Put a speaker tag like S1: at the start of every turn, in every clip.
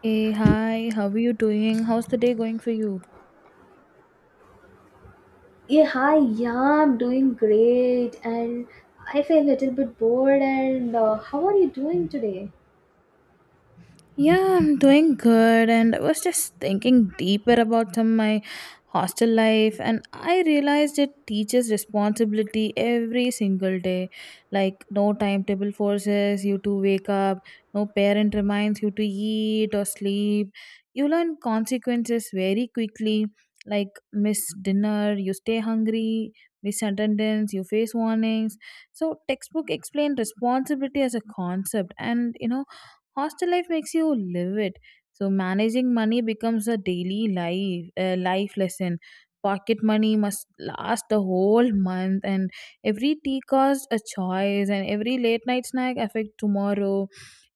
S1: Hey, hi, how are you doing? How's the day going for you?
S2: Yeah, hi, yeah, I'm doing great and I feel a little bit bored and how are you doing today?
S1: Yeah, I'm doing good, and I was just thinking deeper about some my hostel life, and I realized it teaches responsibility every single day. Like no timetable forces you to wake up, no parent reminds you to eat or sleep. You learn consequences very quickly, like miss dinner, you stay hungry, miss attendance, you face warnings. So textbook explained responsibility as a concept, and hostel life makes you live it. So managing money becomes a daily life life lesson. Pocket money must last the whole month, and every tea costs a choice, and every late night snack affect tomorrow.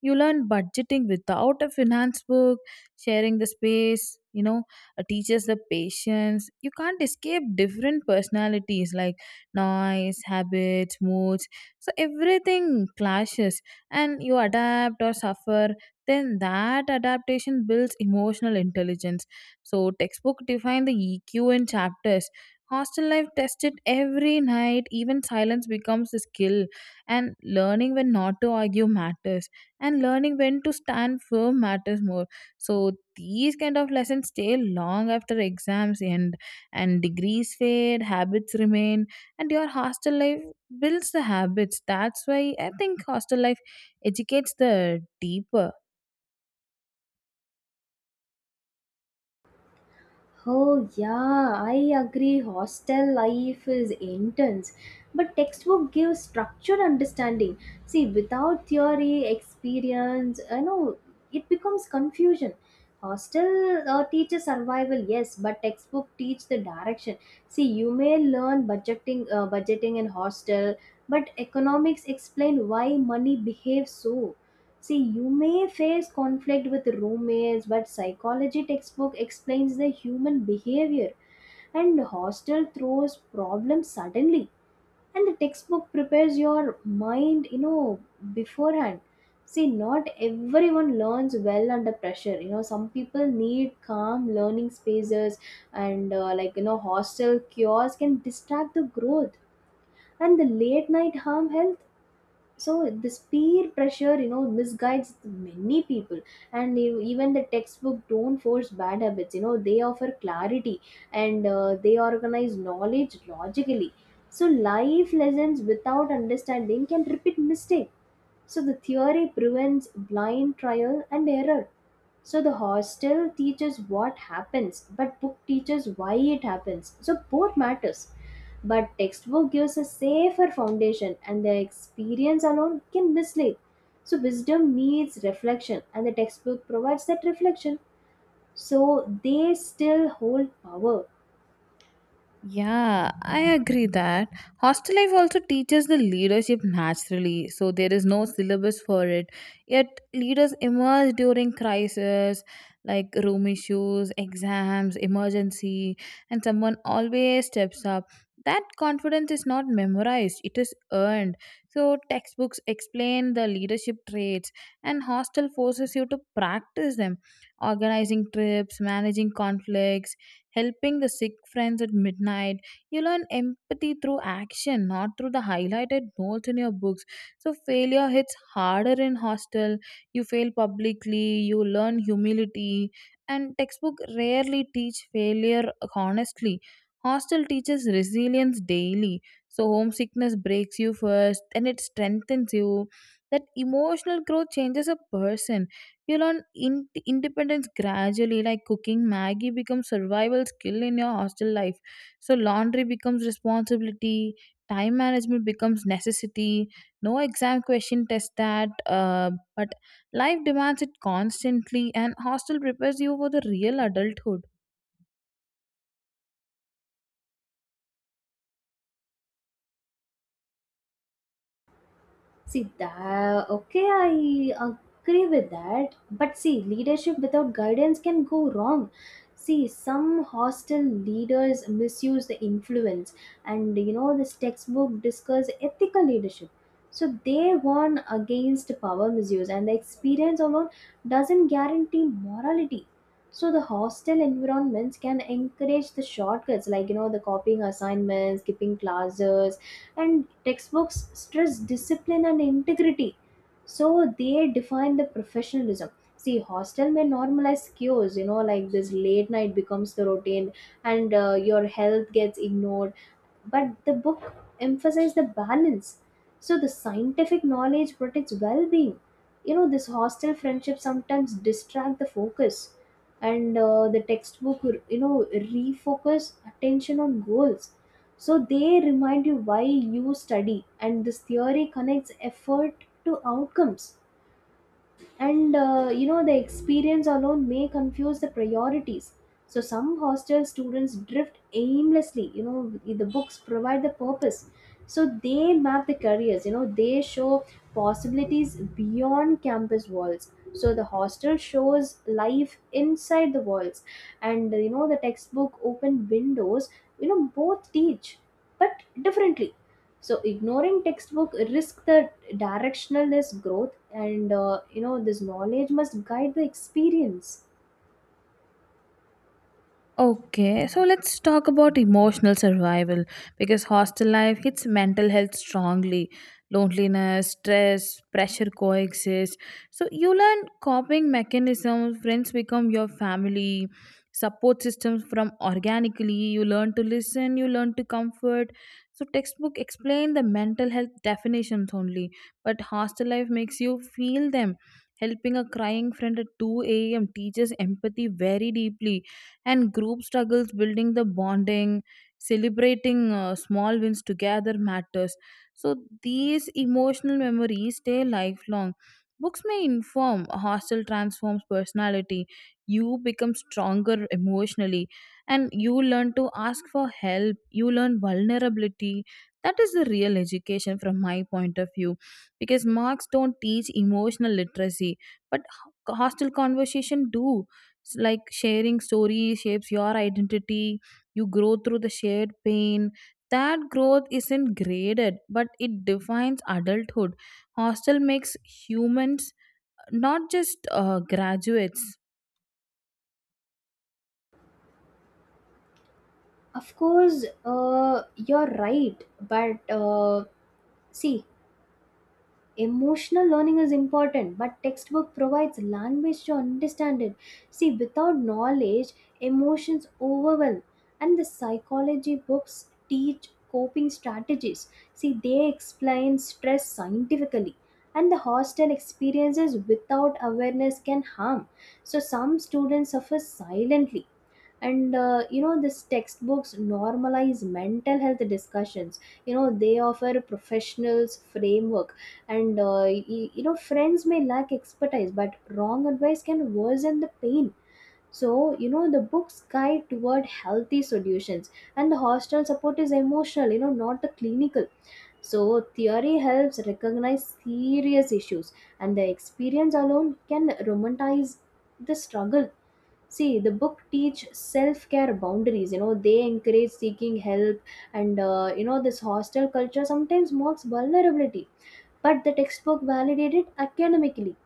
S1: You learn budgeting without a finance book. Sharing the space, you know teaches the patience. You can't escape different personalities, like noise habits moods, so everything clashes, and you adapt or suffer. Then that adaptation builds emotional intelligence. So textbook define the eq in chapters. Hostel life tested every night. Even silence becomes a skill, and learning when not to argue matters, and learning when to stand firm matters more. So these kind of lessons stay long after exams end, and degrees fade, habits remain. And your hostel life builds the habits. That's why I think hostel life educates the deeper.
S2: Oh, yeah, I agree. Hostel life is intense, but textbook gives structured understanding. See, without theory, experience, I know it becomes confusion. Hostel teaches survival, yes, but textbook teach the direction. See, you may learn budgeting in hostel, but economics explain why money behaves so. See, you may face conflict with roommates, but psychology textbook explains the human behavior and hostel throws problems suddenly and the textbook prepares your mind, beforehand. See, not everyone learns well under pressure. You know, some people need calm learning spaces and like, hostel cures can distract the growth and the late night harm health so this peer pressure misguides many people and even the textbook don't force bad habits they offer clarity and they organize knowledge logically so life lessons without understanding can repeat mistake so the theory prevents blind trial and error so the hostel teaches what happens but book teaches why it happens so both matters but textbook gives a safer foundation and the experience alone can mislead. So wisdom needs reflection and the textbook provides that reflection. So they still hold power.
S1: Yeah, I agree that hostel life also teaches the leadership naturally, so there is no syllabus for it. Yet leaders emerge during crisis, like room issues, exams, emergency, and someone always steps up. That confidence is not memorized; it is earned. So textbooks explain the leadership traits, and hostel forces you to practice them, organizing trips, managing conflicts, helping the sick friends at midnight. You learn empathy through action, not through the highlighted notes in your books. So failure hits harder in hostel. You fail publicly, you learn humility, and textbook rarely teach failure honestly. Hostel teaches resilience daily. So homesickness breaks you first, and it strengthens you. That emotional growth changes a person. You learn independence gradually, like cooking Maggie becomes survival skill in your hostel life. So laundry becomes responsibility, time management becomes necessity. No exam question test that, but life demands it constantly, and hostel prepares you for the real adulthood.
S2: See that okay, I agree with that. But see, leadership without guidance can go wrong. See, some hostile leaders misuse the influence, and this textbook discuss ethical leadership. So they warn against power misuse, and the experience alone doesn't guarantee morality. So the hostile environments can encourage the shortcuts, like the copying assignments, skipping classes, and textbooks stress discipline and integrity so they define the professionalism. See, hostel may normalize cures, like this late night becomes the routine, and your health gets ignored, but the book emphasized the balance. So the scientific knowledge protects well-being. This hostile friendship sometimes distract the focus, and the textbook refocus attention on goals. So they remind you why you study, and this theory connects effort to outcomes, and the experience alone may confuse the priorities. So some hostel students drift aimlessly. The books provide the purpose, so they map the careers. They show possibilities beyond campus walls. So the hostel shows life inside the walls, and the textbook open windows. Both teach but differently. So ignoring textbook risk the directionalness growth, and this knowledge must guide the experience.
S1: Okay, so let's talk about emotional survival because hostel life hits mental health strongly. Loneliness, stress, pressure coexist. So you learn coping mechanisms, friends become your family, support systems from organically. You learn to listen, you learn to comfort. So textbook explain the mental health definitions only, but hostel life makes you feel them. Helping a crying friend at 2 a.m. teaches empathy very deeply, and group struggles building the bonding, celebrating small wins together matters. So these emotional memories stay lifelong. Books may inform, a hostel transforms personality. You become stronger emotionally, and you learn to ask for help, you learn vulnerability. That is the real education from my point of view, because marks don't teach emotional literacy, but hostel conversation do. Like sharing stories shapes your identity. You grow through the shared pain. That growth isn't graded, but it defines adulthood. Hostel makes humans, not just graduates.
S2: Of course, you're right, but see, emotional learning is important, but textbook provides language to understand it. See, without knowledge, emotions overwhelm, and the psychology books teach coping strategies. See, they explain stress scientifically, and the hostile experiences without awareness can harm. So, some students suffer silently, and these textbooks normalize mental health discussions. They offer professionals framework, and friends may lack expertise, but wrong advice can worsen the pain. So the books guide toward healthy solutions, and the hostel support is emotional, not the clinical. So theory helps recognize serious issues, and the experience alone can romanticize the struggle. See, the book teach self-care boundaries. They encourage seeking help, and this hostel culture sometimes mocks vulnerability. But the textbook validated it academically.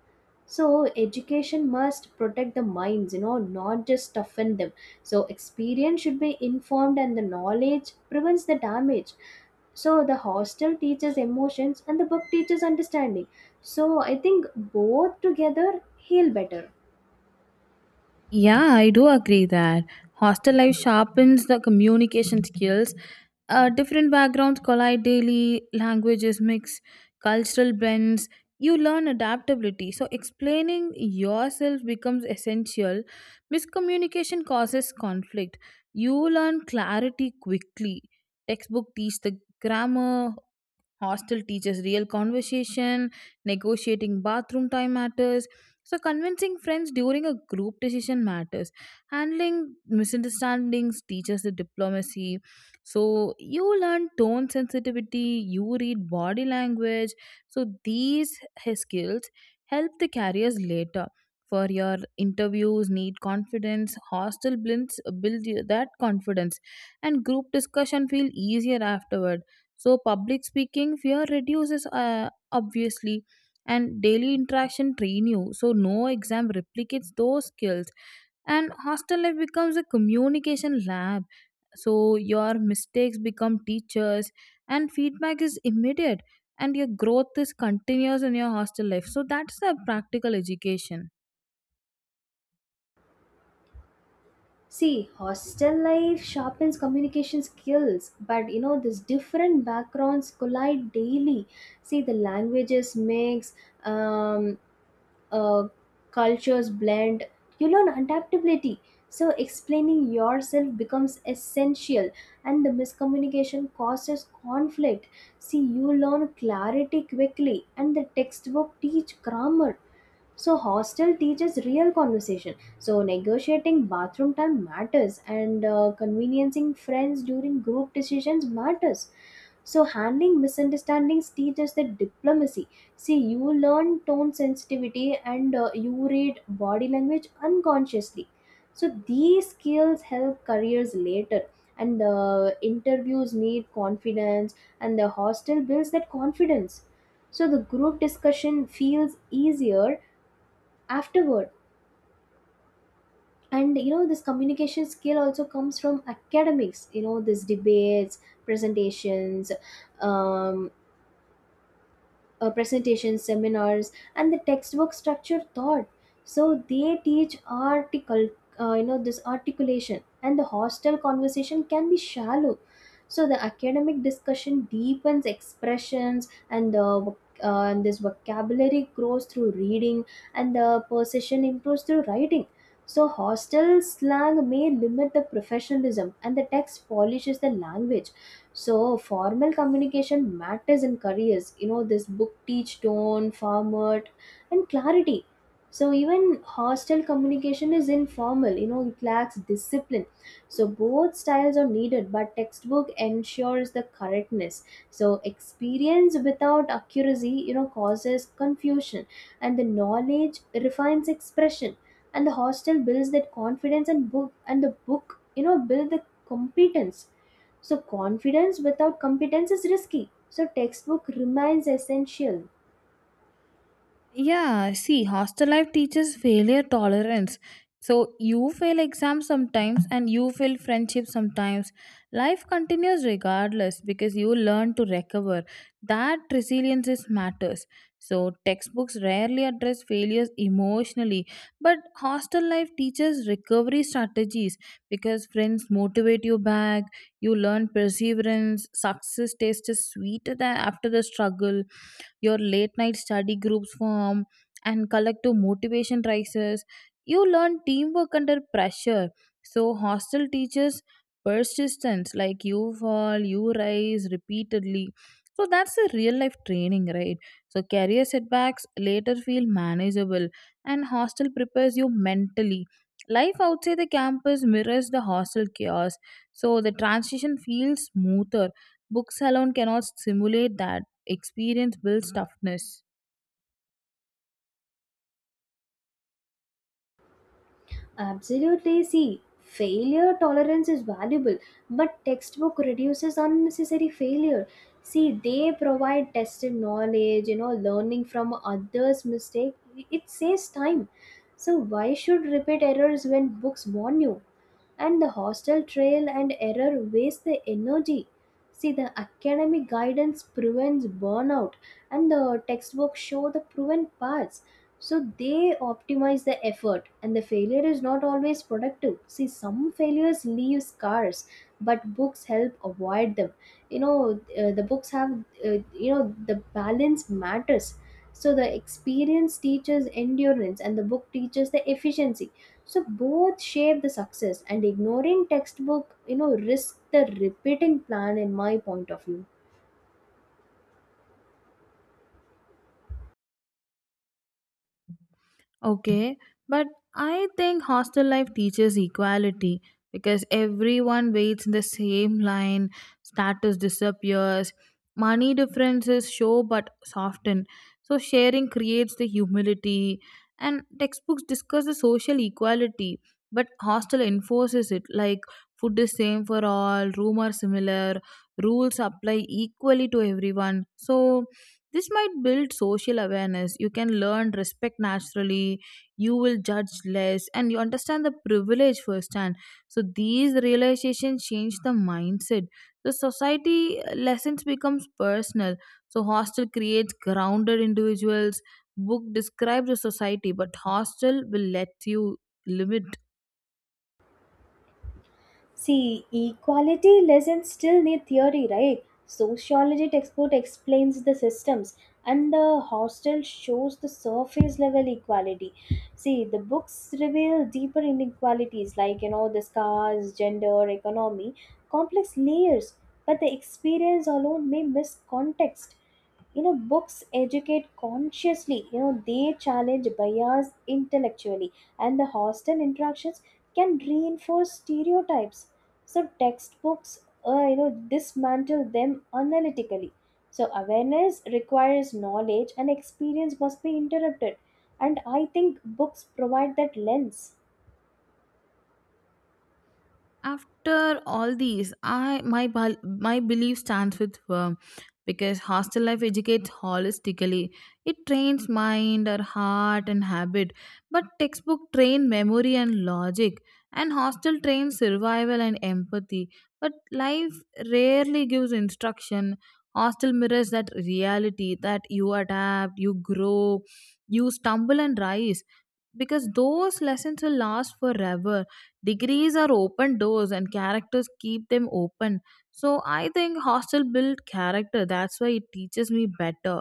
S2: So education must protect the minds. Not just toughen them. So experience should be informed, and the knowledge prevents the damage. So the hostel teaches emotions, and the book teaches understanding. So I think both together heal better.
S1: Yeah, I do agree that hostel life sharpens the communication skills. Different backgrounds collide daily, languages mix, cultural blends. You learn adaptability. So, explaining yourself becomes essential. Miscommunication causes conflict. You learn clarity quickly. Textbook teach the grammar, hostel teaches real conversation, negotiating bathroom time matters. So, convincing friends during a group decision matters. Handling misunderstandings teaches the diplomacy. So, you learn tone sensitivity, you read body language. So, these skills help the careers later. For your interviews, need confidence. Hostel blends build you that confidence, and group discussion feel easier afterwards. So public speaking fear reduces, obviously, and daily interaction train you. So no exam replicates those skills, and hostel life becomes a communication lab. So your mistakes become teachers, and feedback is immediate, and your growth is continuous in your hostel life. So that's the practical education.
S2: See, hostel life sharpens communication skills, but these different backgrounds collide daily. See, the languages mix, um, uh, cultures blend. You learn adaptability. So, explaining yourself becomes essential, and the miscommunication causes conflict. See, you learn clarity quickly, and the textbook teach grammar, so hostel teaches real conversation. So negotiating bathroom time matters, and conveniencing friends during group decisions matters. So handling misunderstandings teaches the diplomacy. See, you learn tone sensitivity, and you read body language unconsciously. So these skills help careers later, and the interviews need confidence, and the hostel builds that confidence. So the group discussion feels easier afterward, and this communication skill also comes from academics. This debates, presentations um, presentations, seminars, and the textbook structure thought. So they teach this articulation, and the hostel conversation can be shallow. So the academic discussion deepens expressions, and and this vocabulary grows through reading, and the precision improves through writing. So hostel slang may limit the professionalism, and the text polishes the language, so formal communication matters in careers. This book teach tone, format, and clarity. So even hostile communication is informal. It lacks discipline. So both styles are needed, but textbook ensures the correctness. So experience without accuracy, causes confusion, and the knowledge refines expression, and the hostel builds that confidence, and the book build the competence. So confidence without competence is risky, so textbook remains essential.
S1: Yeah, see, hostel life teaches failure tolerance. So you fail exams sometimes and you fail friendship sometimes. Life continues regardless because you learn to recover. That resilience is matters. So textbooks rarely address failures emotionally, but hostel life teaches recovery strategies because friends motivate you back, you learn perseverance, success tastes sweeter than after the struggle. Your late night study groups form and collective motivation rises. You learn teamwork under pressure. So hostel teaches persistence. Like you fall, you rise repeatedly. So that's a real life training, right? So career setbacks later feel manageable, and hostel prepares you mentally. Life outside the campus mirrors the hostel chaos, so the transition feels smoother. Books alone cannot simulate that. Experience builds toughness.
S2: Absolutely. See, failure tolerance is valuable, but textbook reduces unnecessary failure. See, they provide tested knowledge. Learning from others' mistake, it saves time. So why should repeat errors when books warn you? And the hostile trail and error waste the energy. See, the academic guidance prevents burnout, and the textbooks show the proven paths. So they optimize the effort, and the failure is not always productive. See, some failures leave scars, but books help avoid them. The books have, the balance matters. So the experience teaches endurance, and the book teaches the efficiency, so both shape the success, and ignoring textbook risk the repeating plan in my point of view.
S1: Okay, but I think hostel life teaches equality because everyone waits in the same line, status disappears, money differences show but soften. So sharing creates the humility, and textbooks discuss the social equality, but hostel enforces it. Like food is same for all, room are similar, rules apply equally to everyone. So this might build social awareness. You can learn respect naturally. You will judge less and you understand the privilege firsthand. So these realizations change the mindset. The society lessons becomes personal. So hostel creates grounded individuals. Book describes the society, but hostel will let you limit.
S2: See, equality lessons still need theory, right? Sociology textbook explains the systems, and the hostel shows the surface level equality. See, the books reveal deeper inequalities, like, the scars, gender, economy, complex layers, but the experience alone may miss context. Books educate consciously. They challenge bias intellectually, and the hostel interactions can reinforce stereotypes, so textbooks, dismantle them analytically. So awareness requires knowledge, and experience must be interrupted, and I think books provide that lens.
S1: After all these my belief stands with firm because hostel life educates holistically. It trains mind or heart and habit, but textbook train memory and logic, and hostel trains survival and empathy. But life rarely gives instruction. Hostel mirrors that reality, that you adapt, you grow, you stumble and rise, because those lessons will last forever. Degrees are open doors and characters keep them open. So I think hostel built character. That's why it teaches me better.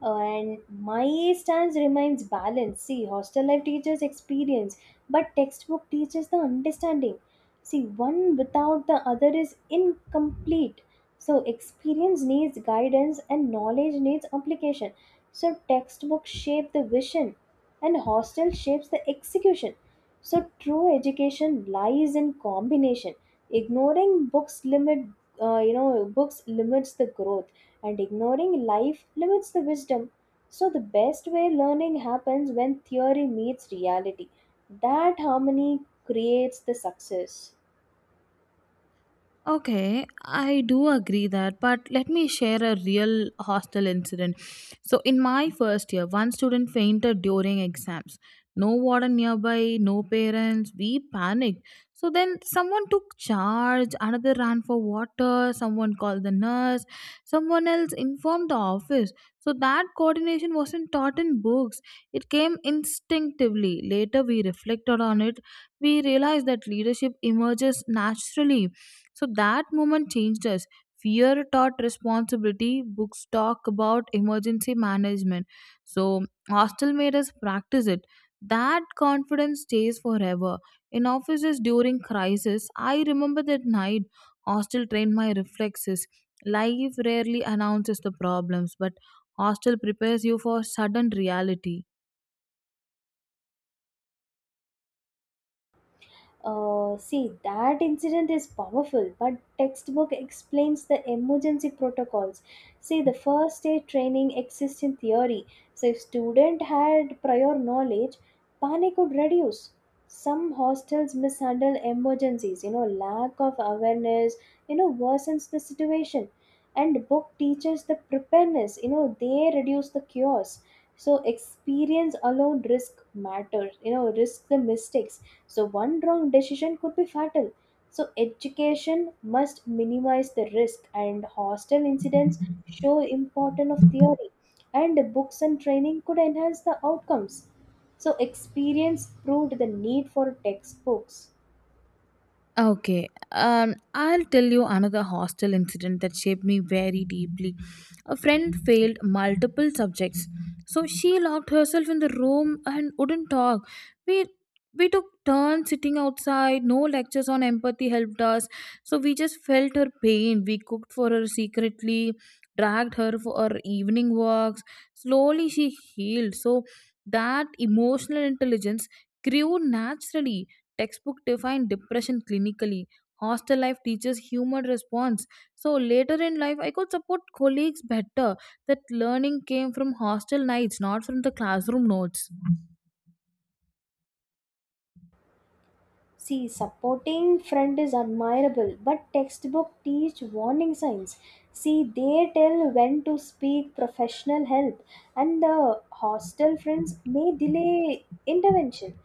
S2: And my stance remains balanced. See, hostel life teaches experience, but textbook teaches the understanding. See, one without the other is incomplete. So, experience needs guidance and knowledge needs application. So, textbook shape the vision and hostel shapes the execution. So, true education lies in combination. Ignoring books limits the growth, and ignoring life limits the wisdom. So, the best way learning happens when theory meets reality. That harmony creates the success.
S1: Okay, I do agree that, but let me share a real hostel incident. So, in my first year, one student fainted during exams. No warden nearby, no parents. We panicked. So, then someone took charge, another ran for water, someone called the nurse, someone else informed the office. So, that coordination wasn't taught in books, it came instinctively. Later, we reflected on it. We realized that leadership emerges naturally, so that moment changed us. Fear taught responsibility, books talk about emergency management. So, hostel made us practice it. That confidence stays forever. In offices during crisis, I remember that night, hostel trained my reflexes. Life rarely announces the problems, but hostel prepares you for sudden reality.
S2: See, that incident is powerful, but textbook explains the emergency protocols. See, the first aid training exists in theory, so if student had prior knowledge, panic would reduce. Some hostels mishandle emergencies. Lack of awareness, worsens the situation. And book teaches the preparedness. They reduce the chaos, so experience alone risk matters. Risk the mistakes, so one wrong decision could be fatal. So education must minimize the risk, and hostel incidents show importance of theory, and books and training could enhance the outcomes, so experience proved the need for textbooks.
S1: Okay, I'll tell you another hostel incident that shaped me very deeply. A friend failed multiple subjects, so she locked herself in the room and wouldn't talk. We we took turns sitting outside. No lectures on empathy helped us, so we just felt her pain. We cooked for her secretly, dragged her for her evening walks. Slowly, she healed. So that emotional intelligence grew naturally. Textbook define depression clinically. Hostel life teaches human response. So later in life, I could support colleagues better. That learning came from hostel nights, not from the classroom notes.
S2: See, supporting friend is admirable, but textbook teach warning signs. See, they tell when to speak professional help, and the hostel friends may delay intervention.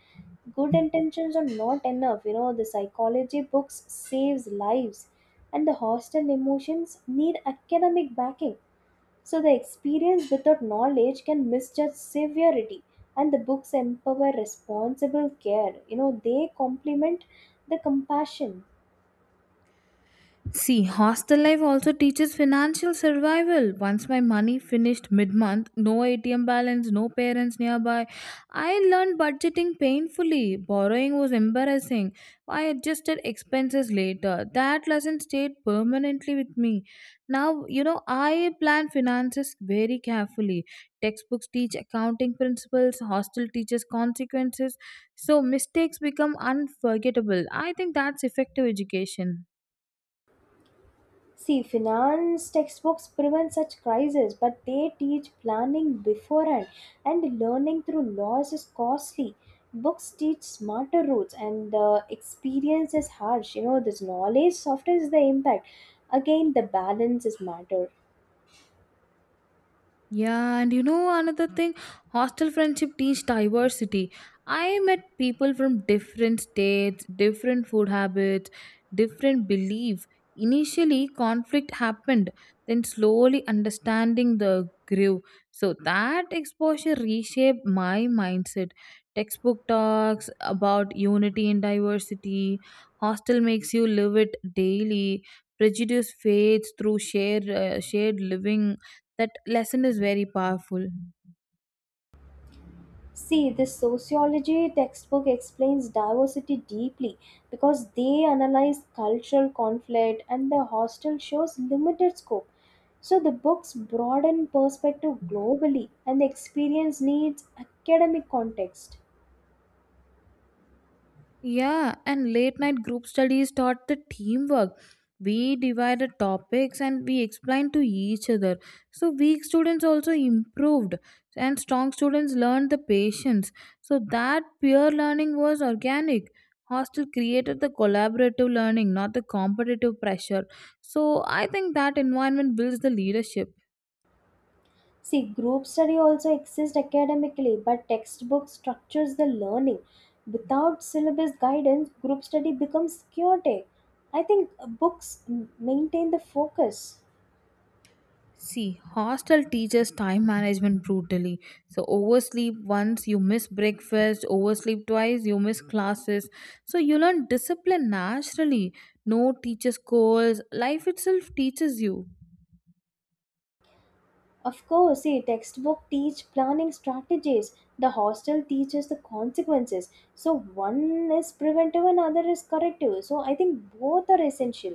S2: Good intentions are not enough. The psychology books saves lives, and the hostel emotions need academic backing. So the experience without knowledge can misjudge severity, and the books empower responsible care. They complement the compassion.
S1: See, hostel life also teaches financial survival. Once my money finished mid month, no ATM balance, no parents nearby. I learned budgeting painfully. Borrowing was embarrassing. I adjusted expenses later. That lesson stayed permanently with me. Now, I plan finances very carefully. Textbooks teach accounting principles, hostel teaches consequences. So mistakes become unforgettable. I think that's effective education.
S2: See, finance textbooks prevent such crises, but they teach planning beforehand, and learning through loss is costly. Books teach smarter routes, and the experience is harsh. This knowledge softens the impact. Again, the balance is matter.
S1: Yeah, and you know another thing, hostel friendship teach diversity. I met people from different states, different food habits, different belief. Initially, conflict happened, then slowly understanding the grew. So that exposure reshaped my mindset. Textbook talks about unity and diversity. Hostel makes you live it daily. Prejudice fades through shared shared living. That lesson is very powerful.
S2: See, this sociology textbook explains diversity deeply, because they analyze cultural conflict and the hostel shows limited scope. So the books broaden perspective globally, and the experience needs academic context.
S1: Yeah, and late night group studies taught the teamwork. We divided topics and we explained to each other. So weak students also improved, and strong students learned the patience. So that peer learning was organic. Hostel created the collaborative learning, not the competitive pressure. So I think that environment builds the leadership.
S2: See, group study also exists academically, but textbook structures the learning. Without syllabus guidance, group study becomes chaotic. I think books maintain the focus.
S1: See, hostel teaches time management brutally. So, oversleep once, you miss breakfast, oversleep twice, you miss classes. So, you learn discipline naturally. No teacher scolds, life itself teaches you.
S2: Of course, see, textbook teach planning strategies. The hostel teaches the consequences. So one is preventive and other is corrective. So I think both are essential.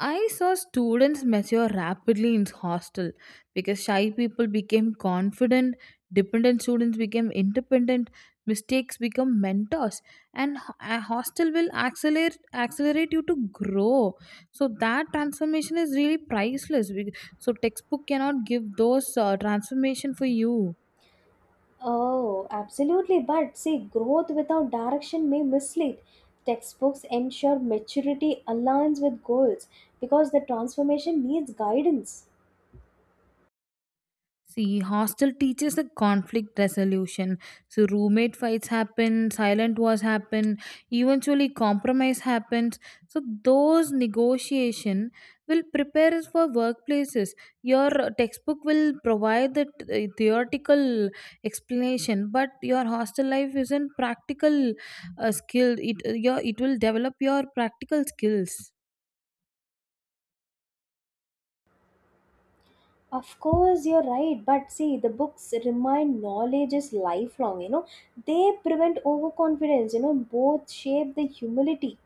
S1: I saw students mature rapidly in hostel because shy people became confident, dependent students became independent, mistakes become mentors, and a hostel will accelerate you to grow. So that transformation is really priceless. So textbook cannot give those transformation for you.
S2: Oh, absolutely. But see, growth without direction may mislead. Textbooks ensure maturity aligns with goals, because the transformation needs guidance.
S1: See, hostel teaches the conflict resolution. So roommate fights happen, silent wars happen, eventually compromise happens. So those negotiation will prepare us for workplaces. Your textbook will provide the theoretical explanation, but your hostel life isn't practical skill. It will develop your practical skills.
S2: Of course, you're right. But see, the books remind knowledge is lifelong. They prevent overconfidence. Both shape the humility.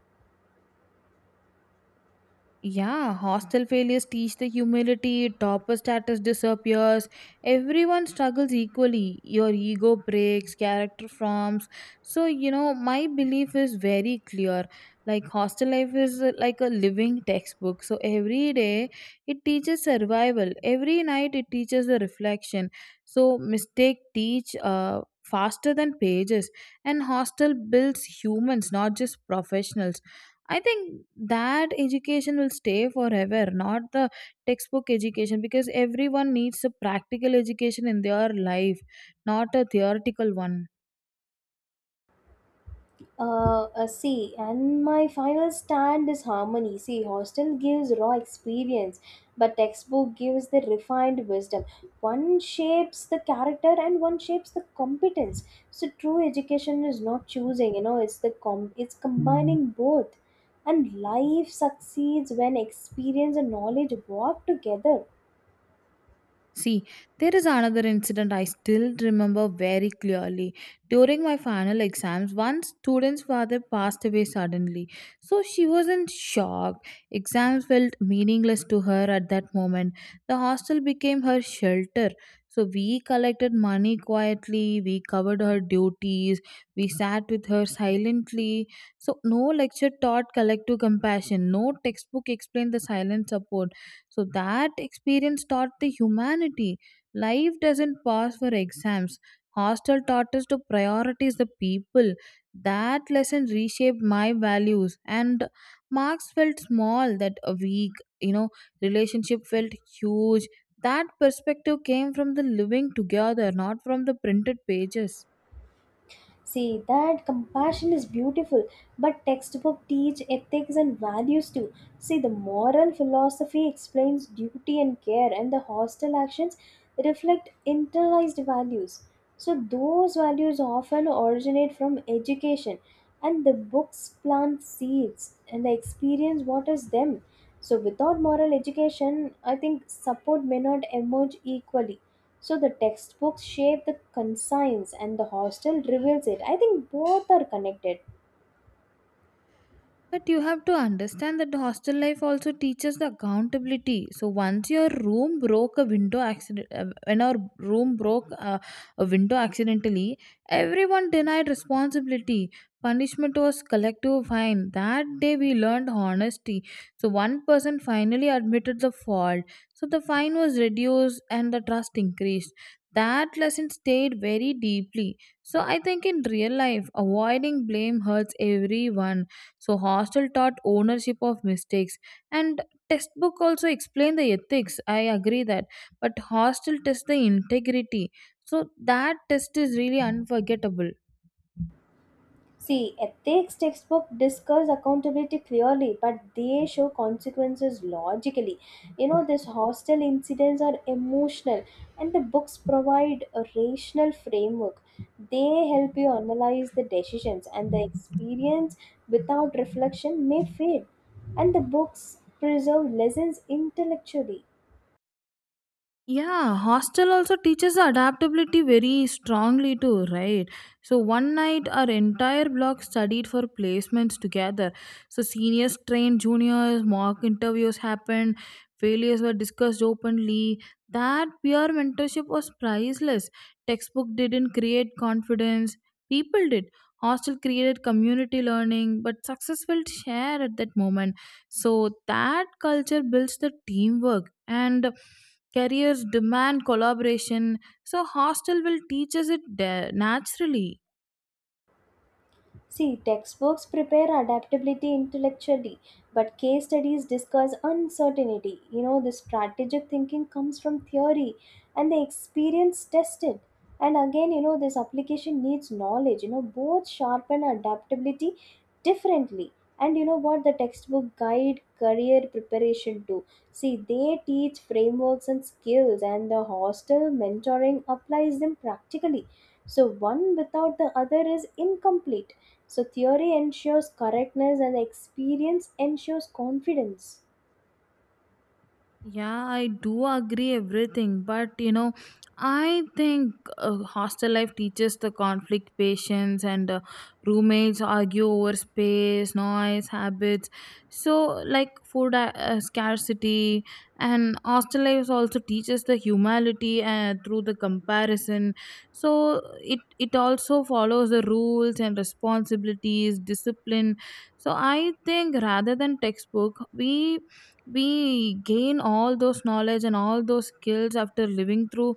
S1: Yeah, hostel failures teach the humility, topper status disappears, everyone struggles equally. Your ego breaks, character forms. So, my belief is very clear. Like, hostel life is like a living textbook. So, every day it teaches survival, every night it teaches a reflection. So, mistake teach faster than pages, and hostel builds humans, not just professionals. I think that education will stay forever, not the textbook education, because everyone needs a practical education in their life, not a theoretical one.
S2: See, and my final stand is harmony. See, hostel gives raw experience, but textbook gives the refined wisdom. One shapes the character and one shapes the competence. So true education is not choosing. It's the com it's combining both. And life succeeds when experience and knowledge work together.
S1: See, there is another incident I still remember very clearly. During my final exams, one student's father passed away suddenly. So she was in shock. Exams felt meaningless to her at that moment. The hostel became her shelter. So we collected money quietly, we covered her duties, we sat with her silently. So no lecture taught collective compassion, no textbook explained the silent support, so that experience taught the humanity. Life doesn't pass for exams. Hostel taught us to prioritize the people. That lesson reshaped my values, and marks felt small that a week. You know, Relationship felt huge. That perspective came from the living together, not from the printed pages.
S2: See, that compassion is beautiful, but textbook teach ethics and values too. See, the moral philosophy explains duty and care, and the hostile actions reflect internalized values. So, those values often originate from education, and the books plant seeds, and the experience waters them. So, without moral education, I think support may not emerge equally. So the textbooks shape the conscience and the hostel reveals it. I think both are connected.
S1: But you have to understand that the hostel life also teaches the accountability. So once your room broke a window accident, when our room broke a window accidentally, everyone denied responsibility. Punishment was collective fine. That day we learned honesty. So one person finally admitted the fault. So the fine was reduced and the trust increased. That lesson stayed very deeply. So I think in real life, avoiding blame hurts everyone. So hostel taught ownership of mistakes, and textbook also explained the ethics. I agree that, but hostel test the integrity. So that test is really unforgettable.
S2: See, ethics textbook discuss accountability clearly, but they show consequences logically. These hostel incidents are emotional, and the books provide a rational framework. They help you analyze the decisions, and the experience without reflection may fade. And the books preserve lessons intellectually.
S1: Yeah, hostel also teaches adaptability very strongly too, right? So one night our entire block studied for placements together. So seniors trained juniors, mock interviews happened, failures were discussed openly. That peer mentorship was priceless. Textbook didn't create confidence, people did. Hostel created community learning, but success felt shared at that moment. So that culture builds the teamwork, and careers demand collaboration. So hostel will teach us it naturally.
S2: See, textbooks prepare adaptability intellectually, but case studies discuss uncertainty. The strategic thinking comes from theory and the experience tested. And again, this application needs knowledge. Both sharpen adaptability differently. And what the textbook guide career preparation to. See, they teach frameworks and skills, and the hostel mentoring applies them practically, so, one without the other is incomplete. So, theory ensures correctness and experience ensures confidence.
S1: Yeah, I do agree everything, but I think hostel life teaches the conflict patience, and roommates argue over space, noise, habits. So, like food scarcity, and hostel life also teaches the humility through the comparison. So, it also follows the rules and responsibilities, discipline. So, I think rather than textbook, we gain all those knowledge and all those skills after living through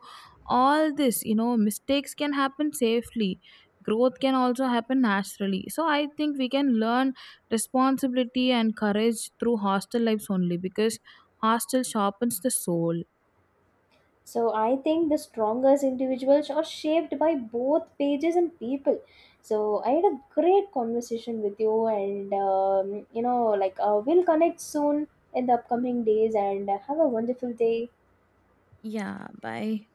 S1: all this. You know, mistakes can happen safely, growth can also happen naturally. So I think we can learn responsibility and courage through hostel lives only, because hostel sharpens the soul.
S2: So, I think the strongest individuals are shaped by both pages and people. So, I had a great conversation with you, and like we'll connect soon in the upcoming days, and have a wonderful day.
S1: Yeah, bye.